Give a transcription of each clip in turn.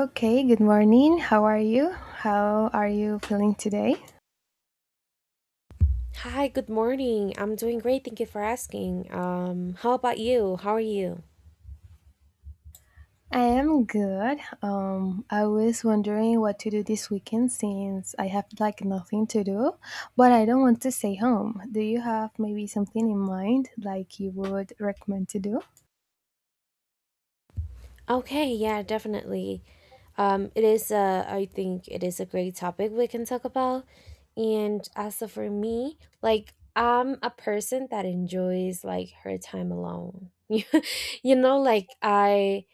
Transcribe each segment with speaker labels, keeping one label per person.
Speaker 1: Okay, good morning. How are you? How are you feeling today?
Speaker 2: Hi, good morning. I'm doing great. Thank you for asking. How about you? How are you?
Speaker 1: I am good. I was wondering what to do this weekend since I have like nothing to do, but I don't want to stay home. Do you have maybe something in mind like you would recommend to do?
Speaker 2: Okay, yeah, definitely. It is I think it is a great topic we can talk about. And as for me, like I'm a person that enjoys like her time alone. You know, like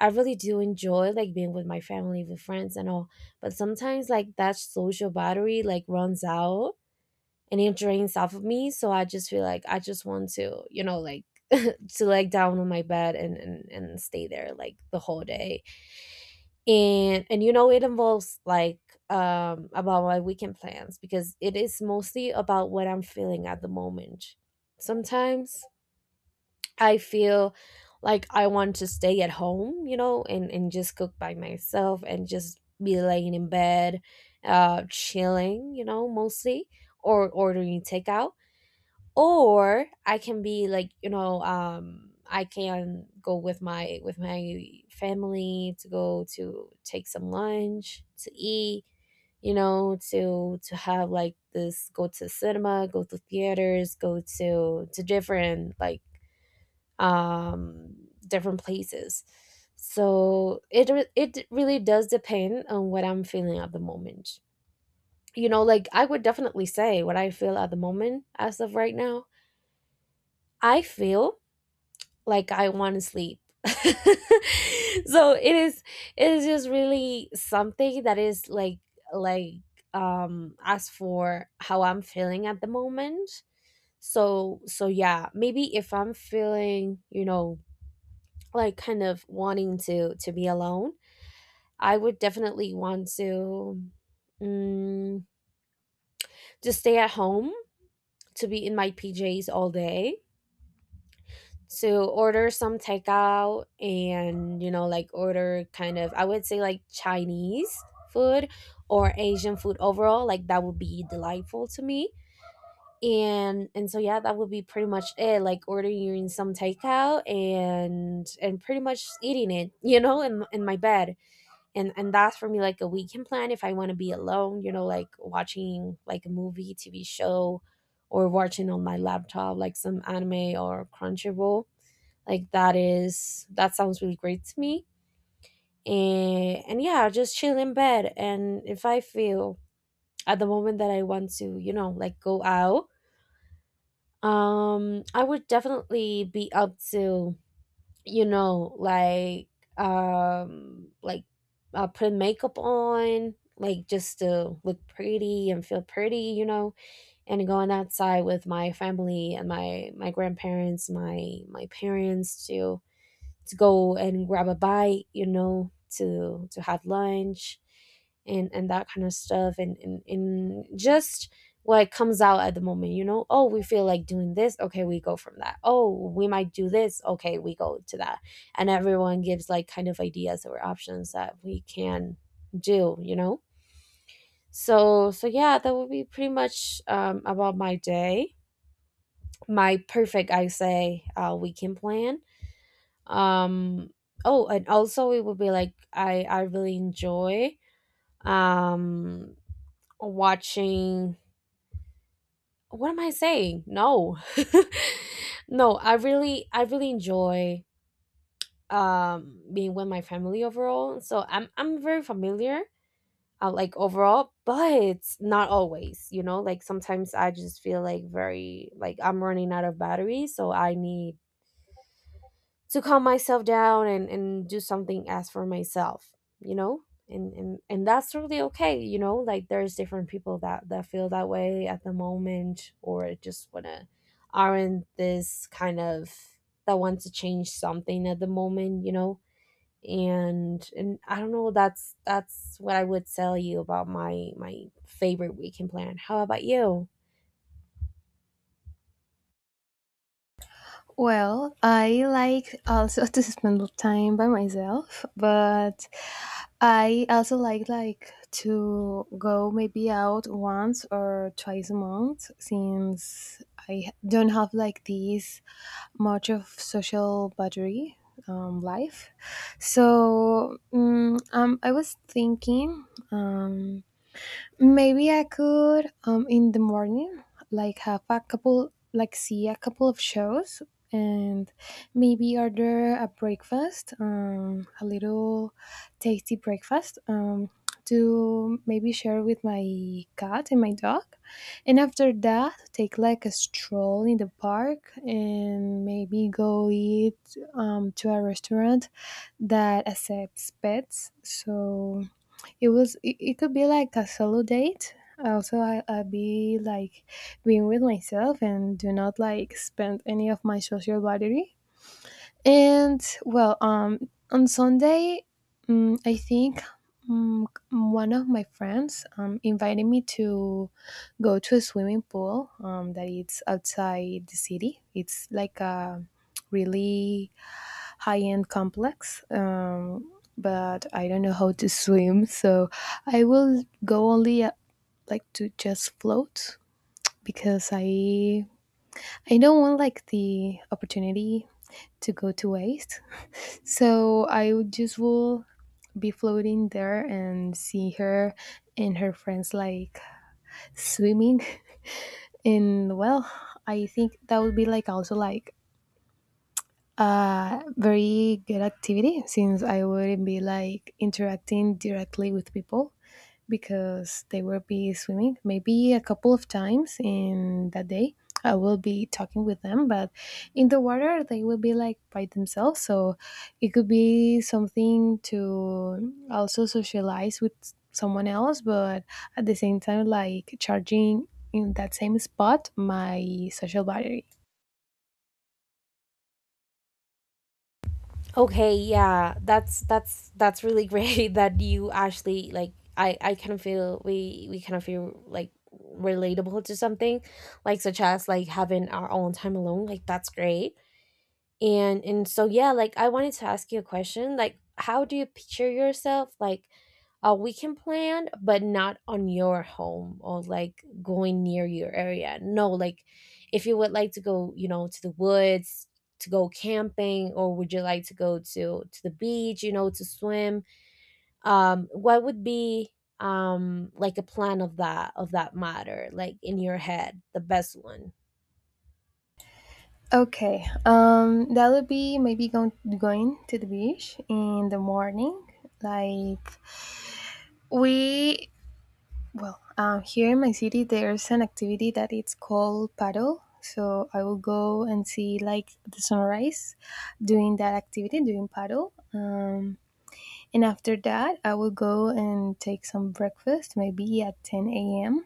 Speaker 2: I really do enjoy like being with my family, with friends and all. But sometimes like that social battery like runs out and it drains off of me, so I just feel like I just want to, you know, like to leg down on my bed and stay there like the whole day. And you know, it involves like about my weekend plans, because it is mostly about what I'm feeling at the moment. Sometimes I feel like I want to stay at home, you know, and just cook by myself and just be laying in bed, chilling, you know, mostly, or ordering takeout. Or I can be like, you know, I can go with my family to go to take some lunch to eat, you know, to have like this, go to cinema, go to theaters, go to different like um different places. So it really does depend on what I'm feeling at the moment. You know, like I would definitely say what I feel at the moment. As of right now, I feel like I want to sleep. So it is, it is just really something that is like, as for how I'm feeling at the moment. So yeah, maybe if I'm feeling, you know, like kind of wanting to be alone, I would definitely want to, mm, just stay at home, to be in my PJs all day, to order some takeout. And you know, like, order kind of, I would say, like Chinese food or Asian food overall. Like that would be delightful to me. And so yeah, that would be pretty much it, like ordering some takeout and pretty much eating it, you know, in my bed. And that's for me like a weekend plan if I want to be alone, you know, like watching like a movie, TV show, or watching on my laptop like some anime or Crunchyroll. Like that is, that sounds really great to me. And yeah, just chill in bed. And if I feel at the moment that I want to, you know, like go out, I would definitely be up to, you know, like, um like put makeup on, like just to look pretty and feel pretty, you know, and going outside with my family and my grandparents, my parents too, to go and grab a bite, you know, to have lunch, and that kind of stuff, and just what comes out at the moment. You know, oh, we feel like doing this, okay, we go from that. Oh, we might do this, okay, we go to that. And everyone gives like kind of ideas or options that we can do, you know. So yeah, that would be pretty much, about my day, my perfect, I say, weekend plan. um oh, and also it would be like, I really enjoy um watching, what am I saying? No. No, I really, I really enjoy being with my family overall. So I'm very familiar, like overall, but not always. You know, like sometimes I just feel like very, like I'm running out of battery, so I need to calm myself down and do something as for myself, you know. And and that's really okay. You know, like there's different people that feel that way at the moment, or just wanna, aren't this kind of, that want to change something at the moment, you know. And I don't know. That's what I would tell you about my, my favorite weekend plan. How about you?
Speaker 1: Well, I like also to spend time by myself, but I also like to go maybe out once or twice a month since I don't have like this much of social battery life. So I was thinking. Um, Maybe I could in the morning, like have a couple, like see a couple of shows, and maybe order a breakfast, a little tasty breakfast, to maybe share with my cat and my dog, and after that take like a stroll in the park and maybe go eat to a restaurant that accepts pets. So it could be like a solo date. Also, I be like being with myself and do not like spend any of my social battery. And well, on Sunday, I think one of my friends invited me to go to a swimming pool that it's outside the city. It's like a really high end complex. But I don't know how to swim, so I will go only like to just float because I don't want like the opportunity to go to waste. So I would just will be floating there and see her and her friends like swimming and well I think that would be like also like a very good activity since I wouldn't be like interacting directly with people because they will be swimming. Maybe a couple of times in that day, I will be talking with them, but in the water, they will be like by themselves. So it could be something to also socialize with someone else, but at the same time, like charging in that same spot my social battery.
Speaker 2: Okay, yeah, that's really great that you actually, like, I kind of feel, we kind of feel like relatable to something, like, such as like having our own time alone. Like that's great. And so yeah, like I wanted to ask you a question, like, how do you picture yourself, like, we can plan, but not on your home or like going near your area. No, like, if you would like to go, you know, to the woods, to go camping, or would you like to go to the beach, you know, to swim? What would be like a plan of that matter, like in your head, the best one?
Speaker 1: Okay, that would be maybe going to the beach in the morning. Like we, well, here in my city, there's an activity that it's called paddle. So I will go and see like the sunrise, doing that activity, doing paddle. And after that, I will go and take some breakfast, maybe at 10 a.m.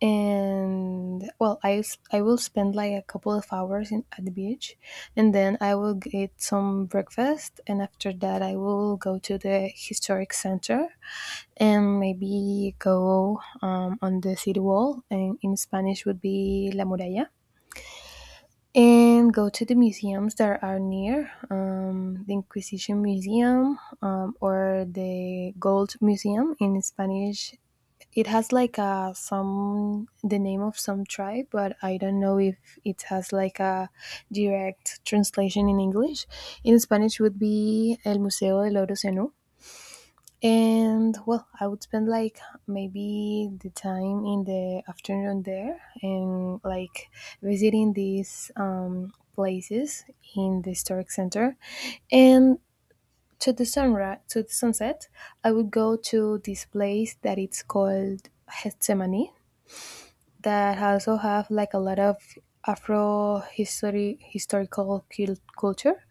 Speaker 1: and well I will spend like a couple of hours in, at the beach and then I will get some breakfast and after that I will go to the historic center and maybe go on the city wall and in spanish would be la muralla and go to the museums that are near the inquisition museum or the gold museum in spanish it has like a some the name of some tribe, but I don't know if it has like a direct translation in English. In Spanish would be El Museo del Oro Zenú. And well, I would spend like maybe the time in the afternoon there and like visiting these places in the historic center. And to the sunrise, to the sunset, I would go to this place that it's called Gethsemane that also have like a lot of Afro history historical culture.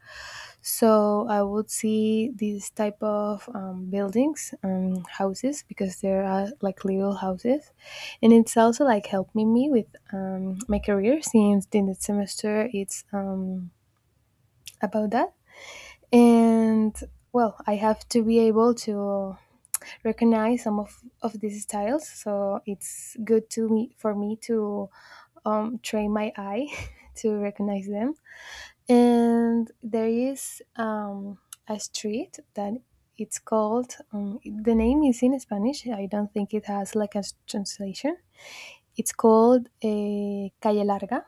Speaker 1: So I would see these type of buildings, houses, because there are like little houses, and it's also like helping me with my career since in the semester it's about that. And well, I have to be able to recognize some of these styles, so it's good to me for me to train my eye to recognize them. And there is a street that it's called, the name is in Spanish. I don't think it has like a translation. It's called a Calle Larga.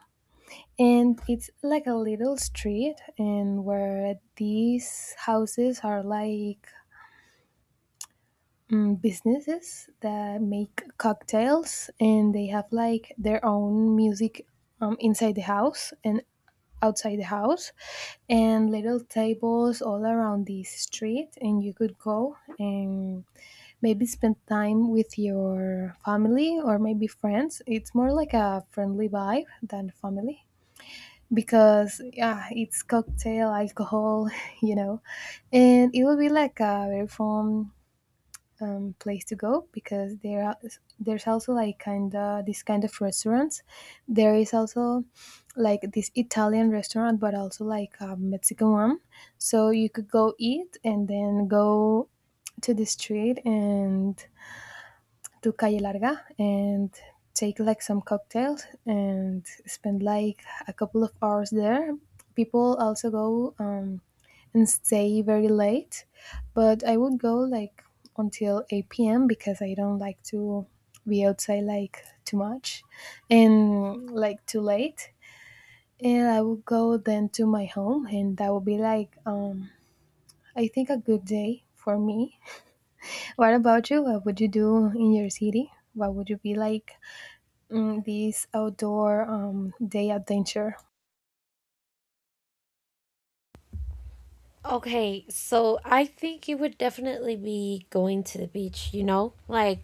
Speaker 1: And it's like a little street, and where these houses are like businesses that make cocktails, and they have like their own music inside the house, and outside the house and little tables all around the street and you could go and maybe spend time with your family or maybe friends it's more like a friendly vibe than family because yeah it's cocktail alcohol you know and it will be like a very fun place to go because there's also like kind of this kind of restaurants. There is also like this Italian restaurant, but also like a Mexican one. So you could go eat and then go to the street and to Calle Larga and take like some cocktails and spend like a couple of hours there. People also go and stay very late. But I would go like until 8 p.m. because I don't like to be outside like too much and like too late. And I would go then to my home, and that would be like, I think, a good day for me. What about you? What would you do in your city? What would you be like this outdoor day adventure?
Speaker 2: Okay, so I think it would definitely be going to the beach, you know? Like,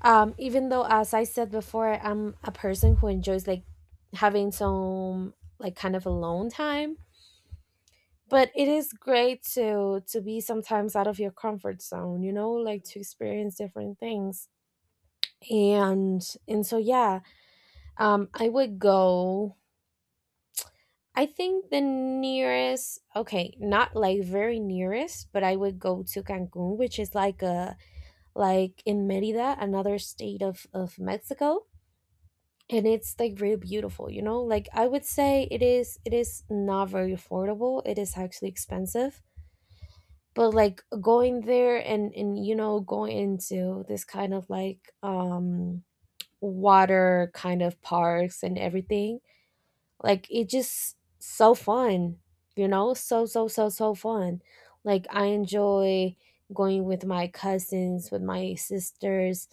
Speaker 2: even though, as I said before, I'm a person who enjoys like having some, like, kind of alone time, but it is great to be sometimes out of your comfort zone, you know, like to experience different things. And so yeah, I would go, I think the nearest, okay, not like very nearest, but I would go to Cancun, which is like a, like in Merida, another state of Mexico. And it's like really beautiful, you know. Like I would say, it is not very affordable, it is actually expensive, but like going there, and you know, going into this kind of like, water kind of parks and everything, like it's just so fun, you know, so fun. Like I enjoy going with my cousins, with my sisters,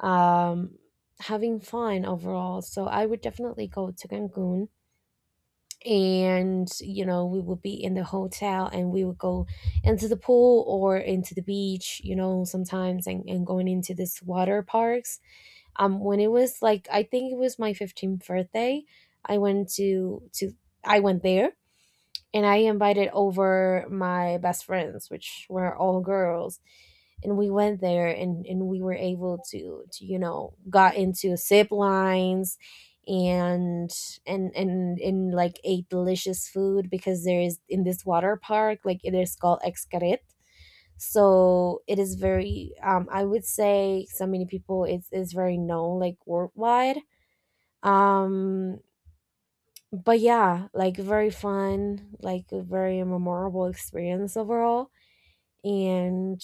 Speaker 2: um having fun overall. So I would definitely go to Cancun, and you know, we would be in the hotel and we would go into the pool or into the beach, you know, sometimes, and going into this water parks. When it was like, I think it was my 15th birthday, i went to to I went there, and I invited over my best friends, which were all girls, and we went there, and we were able to, you know, got into zip lines, and and and like ate delicious food, because there is in this water park, like, it is called Excaret. So it is very, I would say, so many people. It's very known, like, worldwide. um but yeah, like, very fun, like a very memorable experience overall. and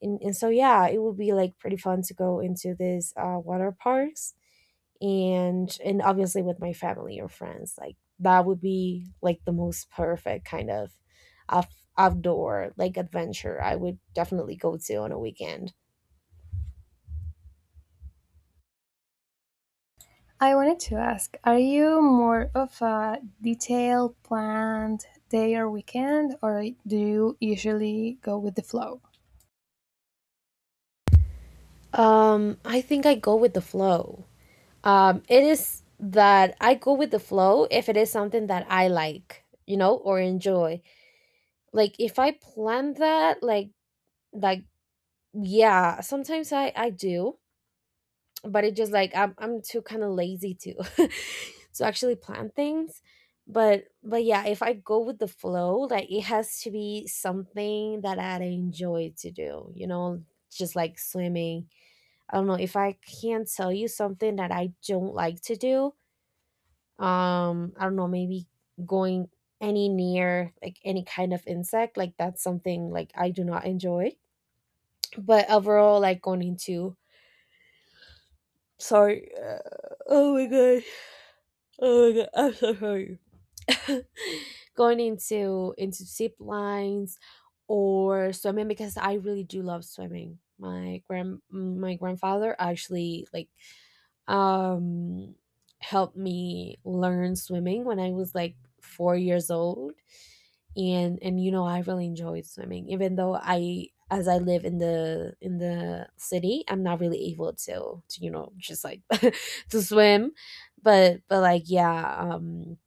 Speaker 2: and so yeah, it would be like pretty fun to go into these water parks, and obviously with my family or friends. Like that would be like the most perfect kind of outdoor, like, adventure I would definitely go to on a weekend.
Speaker 1: I wanted to ask, are you more of a detailed planned day or weekend, or do you usually go with the flow?
Speaker 2: I think I go with the flow. It is that I go with the flow if it is something that I like, you know, or enjoy. Like if I plan that, like, yeah, sometimes I do, but it just like, I'm too kind of lazy to to actually plan things. But yeah, if I go with the flow, like it has to be something that I enjoy to do, you know, just like swimming. I don't know if I can tell you something that I don't like to do. I don't know, maybe going any near, like, any kind of insect, like, that's something like I do not enjoy. But overall, like going into, sorry, oh my god, oh my god, I'm so sorry. Going into zip lines or swimming, because I really do love swimming. My grandfather actually, like, um, helped me learn swimming when I was like 4 years old, and you know, I really enjoyed swimming, even though I as I live in the city, I'm not really able to, you know, just like to swim, but like yeah,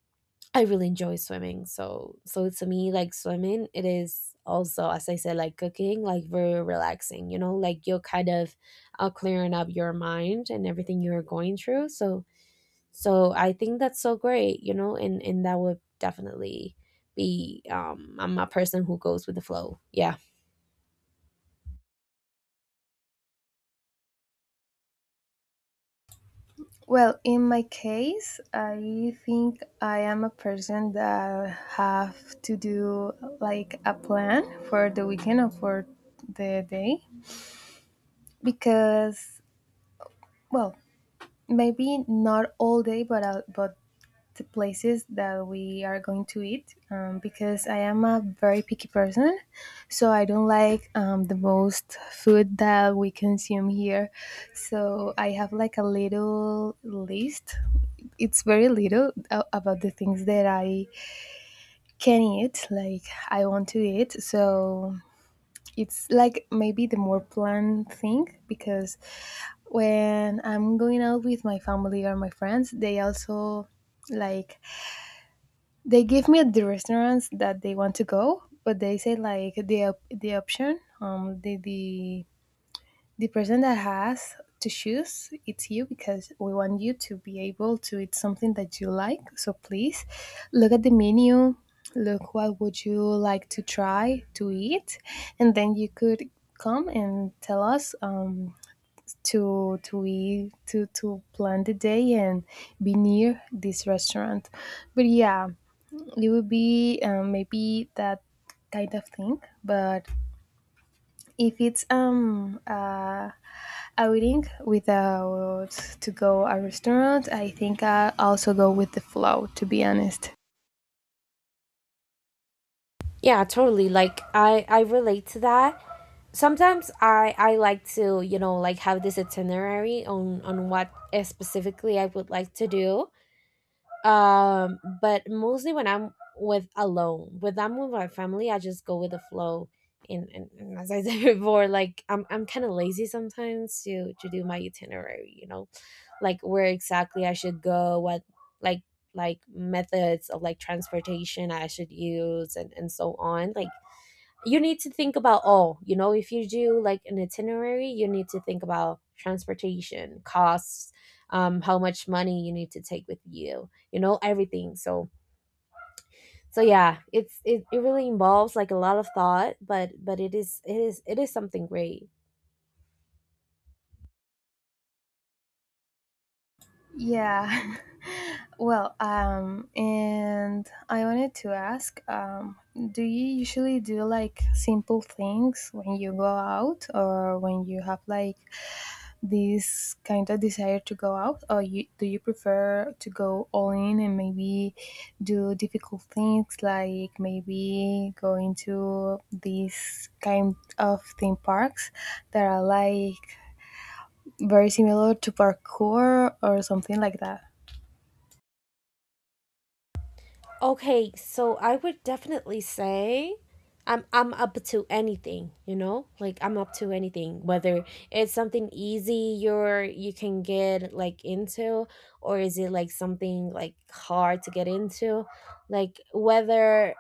Speaker 2: I really enjoy swimming. So to me, like swimming, it is also, as I said, like cooking, like very relaxing, you know, like you're kind of, clearing up your mind and everything you're going through. So, so I think that's so great, you know, and that would definitely be, I'm a person who goes with the flow. Yeah.
Speaker 1: Well, in my case, I think I am a person that have to do like a plan for the weekend or for the day because, well, maybe not all day, but the places that we are going to eat because I am a very picky person. So I don't like the most food that we consume here. So I have like a little list. It's very little about the things that I can eat, like I want to eat. So it's like maybe the more planned thing because when I'm going out with my family or my friends, they also like they give me the restaurants that they want to go, but they say like the option, the person that has to choose it's you because we want you to be able to eat something that you like. So please look at the menu, look what would you like to try to eat, and then you could come and tell us to eat to plan the day and be near this restaurant. But yeah, it would be maybe that kind of thing but if it's outing without to go a restaurant I think I also go with the flow to be honest
Speaker 2: Yeah, totally. Like, I relate to that. Sometimes I like to, you know, like have this itinerary on what specifically I would like to do. But mostly when I'm with my family I just go with the flow. And as I said before like I'm kind of lazy sometimes to do my itinerary, you know, like where exactly I should go, what, like like methods of like transportation I should use, and so on. Like you need to think about all, you know, if you do like an itinerary you need to think about transportation costs, how much money you need to take with you, you know, everything. So so yeah, it really involves like a lot of thought, but but it is something great.
Speaker 1: yeah Well, and I wanted to ask, do you usually do like simple things when you go out, or when you have like this kind of desire to go out, or you do you prefer to go all in and maybe do difficult things like maybe going to these kind of theme parks that are like very similar to parkour or something like that?
Speaker 2: Okay, so I would definitely say I'm up to anything, you know? Like I'm up to anything, whether it's something easy you can get like into, or is it like something like hard to get into? Like whether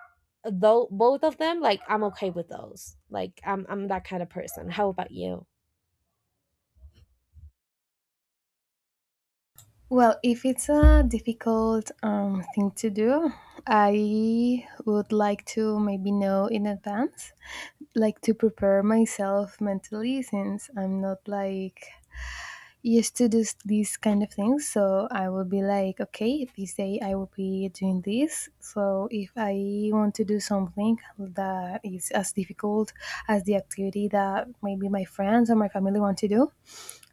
Speaker 2: though, both of them, like I'm okay with those. Like I'm that kind of person. How about you?
Speaker 1: Well, if it's a difficult thing to do, I would like to maybe know in advance, like to prepare myself mentally since I'm not like used to do these kind of things. So I will be like, okay, this day I will be doing this. So if I want to do something that is as difficult as the activity that maybe my friends or my family want to do,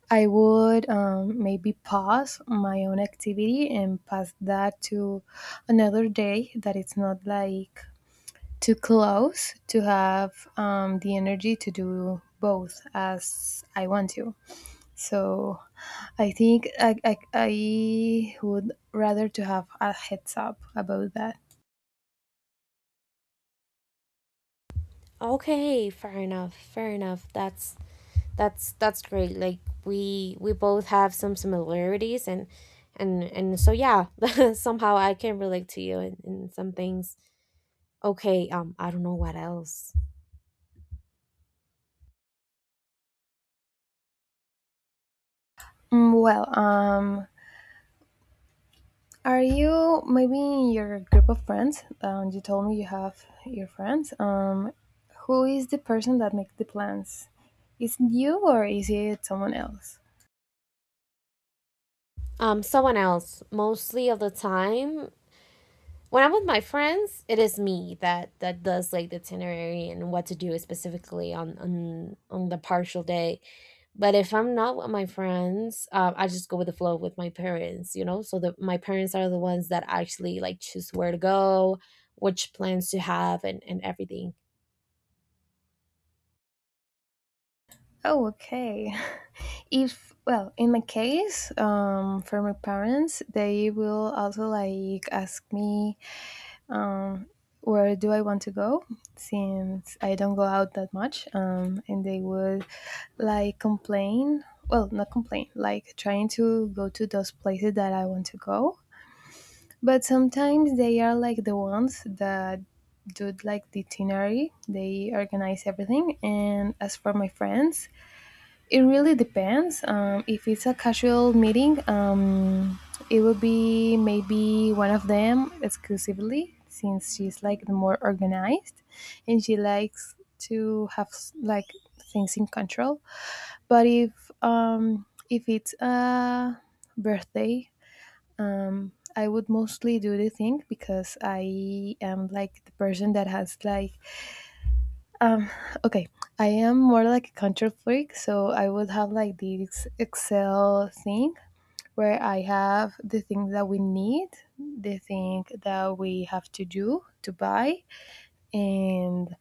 Speaker 1: I would maybe pause my own activity and pass that to another day that it's not like too close to have the energy to do both as I want to. So I think I would rather to have a heads up about that.
Speaker 2: Okay, fair enough. Fair enough. That's great. Like we both have some similarities and and so yeah, somehow I can relate to you in some things. Okay, I don't know what else.
Speaker 1: Well, Are you maybe in your group of friends? You told me you have your friends. Who is the person that makes the plans? Is it you or is it someone else?
Speaker 2: Um, someone else. Mostly of the time when I'm with my friends, it is me that does like the itinerary and what to do specifically on on the partial day. But if I'm not with my friends, I just go with the flow with my parents, you know? So my parents are the ones that actually like choose where to go, which plans to have, and everything.
Speaker 1: Oh, okay. If well, in my case, for my parents, they will also like ask me um, where do I want to go? Since I don't go out that much, and they would like complain. Well, not complain, like trying to go to those places that I want to go. But sometimes they are like the ones that do like the itinerary. They organize everything. And as for my friends, it really depends. If it's a casual meeting, it would be maybe one of them exclusively, since she's like the more organized, and she likes to have like things in control. But if it's a birthday, I would mostly do the thing because I am like the person that has like um, okay, I am more like a control freak, so I would have like this Excel thing where I have the things that we need, the thing that we have to do to buy, and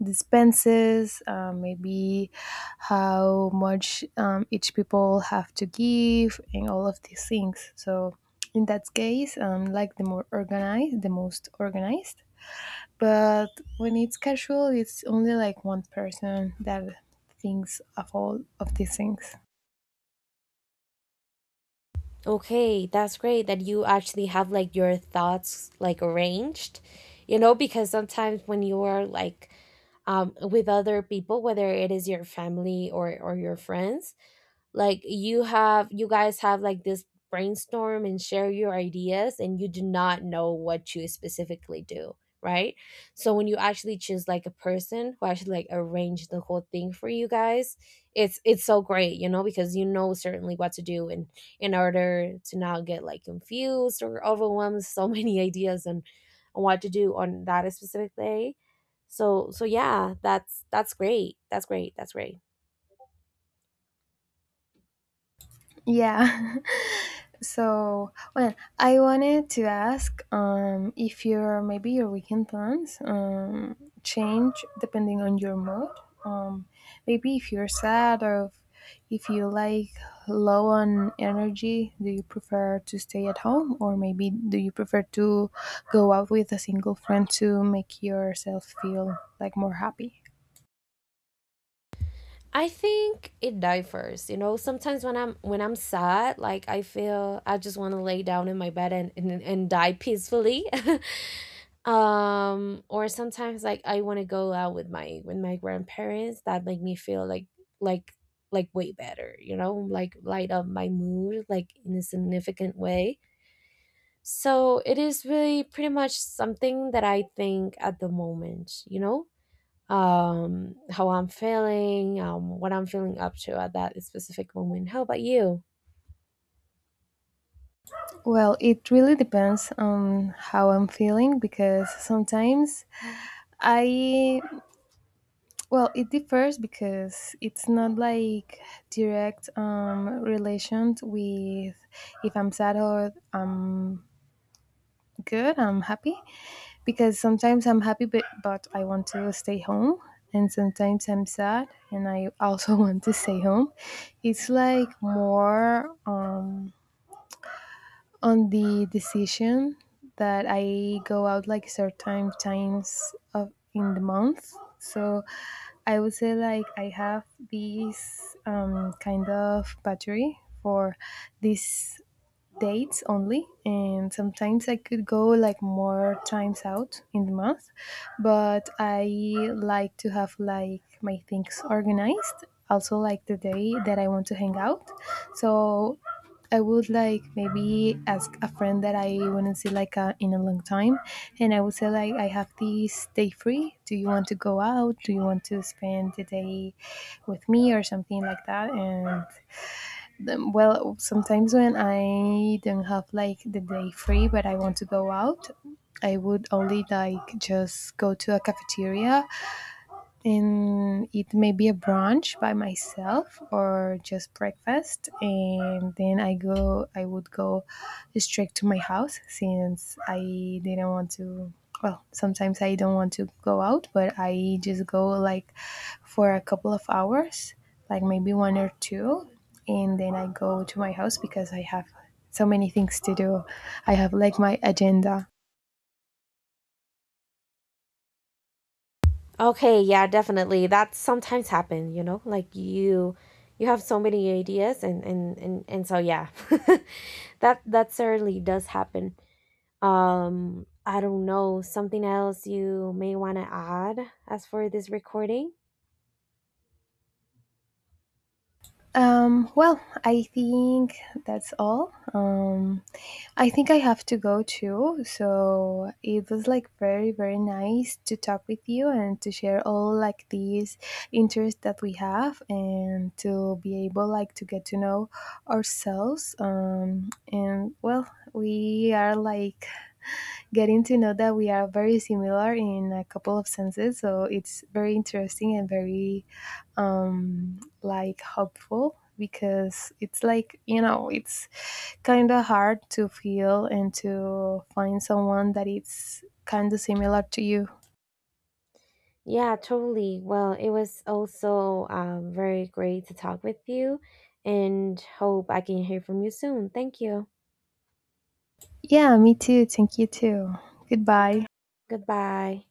Speaker 1: the expenses, maybe how much each people have to give, and all of these things. So in that case, like the more organized, the most organized but when it's casual it's only like one person that thinks of all of these things
Speaker 2: Okay, that's great that you actually have like your thoughts like arranged, you know, because sometimes when you are like with other people, whether it is your family or your friends, like you have, you guys have like this brainstorm and share your ideas and you do not know what you specifically do, right? So when you actually choose like a person who actually like arrange the whole thing for you guys, it's so great, you know, because you know certainly what to do in order to not get like confused or overwhelmed, so many ideas on what to do on that specific day. So so yeah, that's great that's great that's great.
Speaker 1: Yeah. So, well, I wanted to ask if your maybe your weekend plans change depending on your mood. Um, maybe if you're sad or if you like low on energy, do you prefer to stay at home or maybe do you prefer to go out with a single friend to make yourself feel like more happy?
Speaker 2: I think it differs. You know, sometimes when I'm sad, like I feel I just want to lay down in my bed and and die peacefully. Or sometimes like I want to go out with my grandparents. That make me feel like like way better. You know, like light up my mood like in a significant way. So it is really pretty much something that I think at the moment. You know, how I'm feeling, what I'm feeling up to at that specific moment. How about you?
Speaker 1: Well, it really depends on how I'm feeling because sometimes I well, it differs because it's not like direct relations with if I'm sad or I'm good, I'm happy. Because sometimes I'm happy, but I want to stay home, and sometimes I'm sad and I also want to stay home. It's like more. On the decision that I go out like certain times of in the month. So I would say like I have this kind of battery for this dates only and sometimes I could go like more times out in the month but I like to have like my things organized also like the day that I want to hang out so I would like maybe ask a friend that I wouldn't see in a long time and I would say like I have this day free do you want to go out do you want to spend the day with me or something like that and Well, sometimes when I don't have like the day free, but I want to go out, I would only like just go to a cafeteria and it may be a brunch by myself or just breakfast and then I would go straight to my house since I didn't want to well sometimes I don't want to go out but I just go like for a couple of hours like maybe one or two and then I go to my house because I have so many things to do I have like my agenda
Speaker 2: Okay, yeah, definitely. That sometimes happen, you know, like you have so many ideas and and so yeah. That that certainly does happen. Um, I don't know, something else you may want to add as for this recording?
Speaker 1: well, I think that's all. I think I have to go too. So it was like very, very nice to talk with you and to share all like these interests that we have and to be able like to get to know ourselves. And well, we are like getting to know that we are very similar in a couple of senses. So it's very interesting and very like hopeful because it's like you know it's kind of hard to feel and to find someone that it's kind of similar to you.
Speaker 2: Yeah, totally. Well, it was also very great to talk with you and hope I can hear from you soon. Thank you.
Speaker 1: Yeah, me too. Thank you too. Goodbye.
Speaker 2: Goodbye.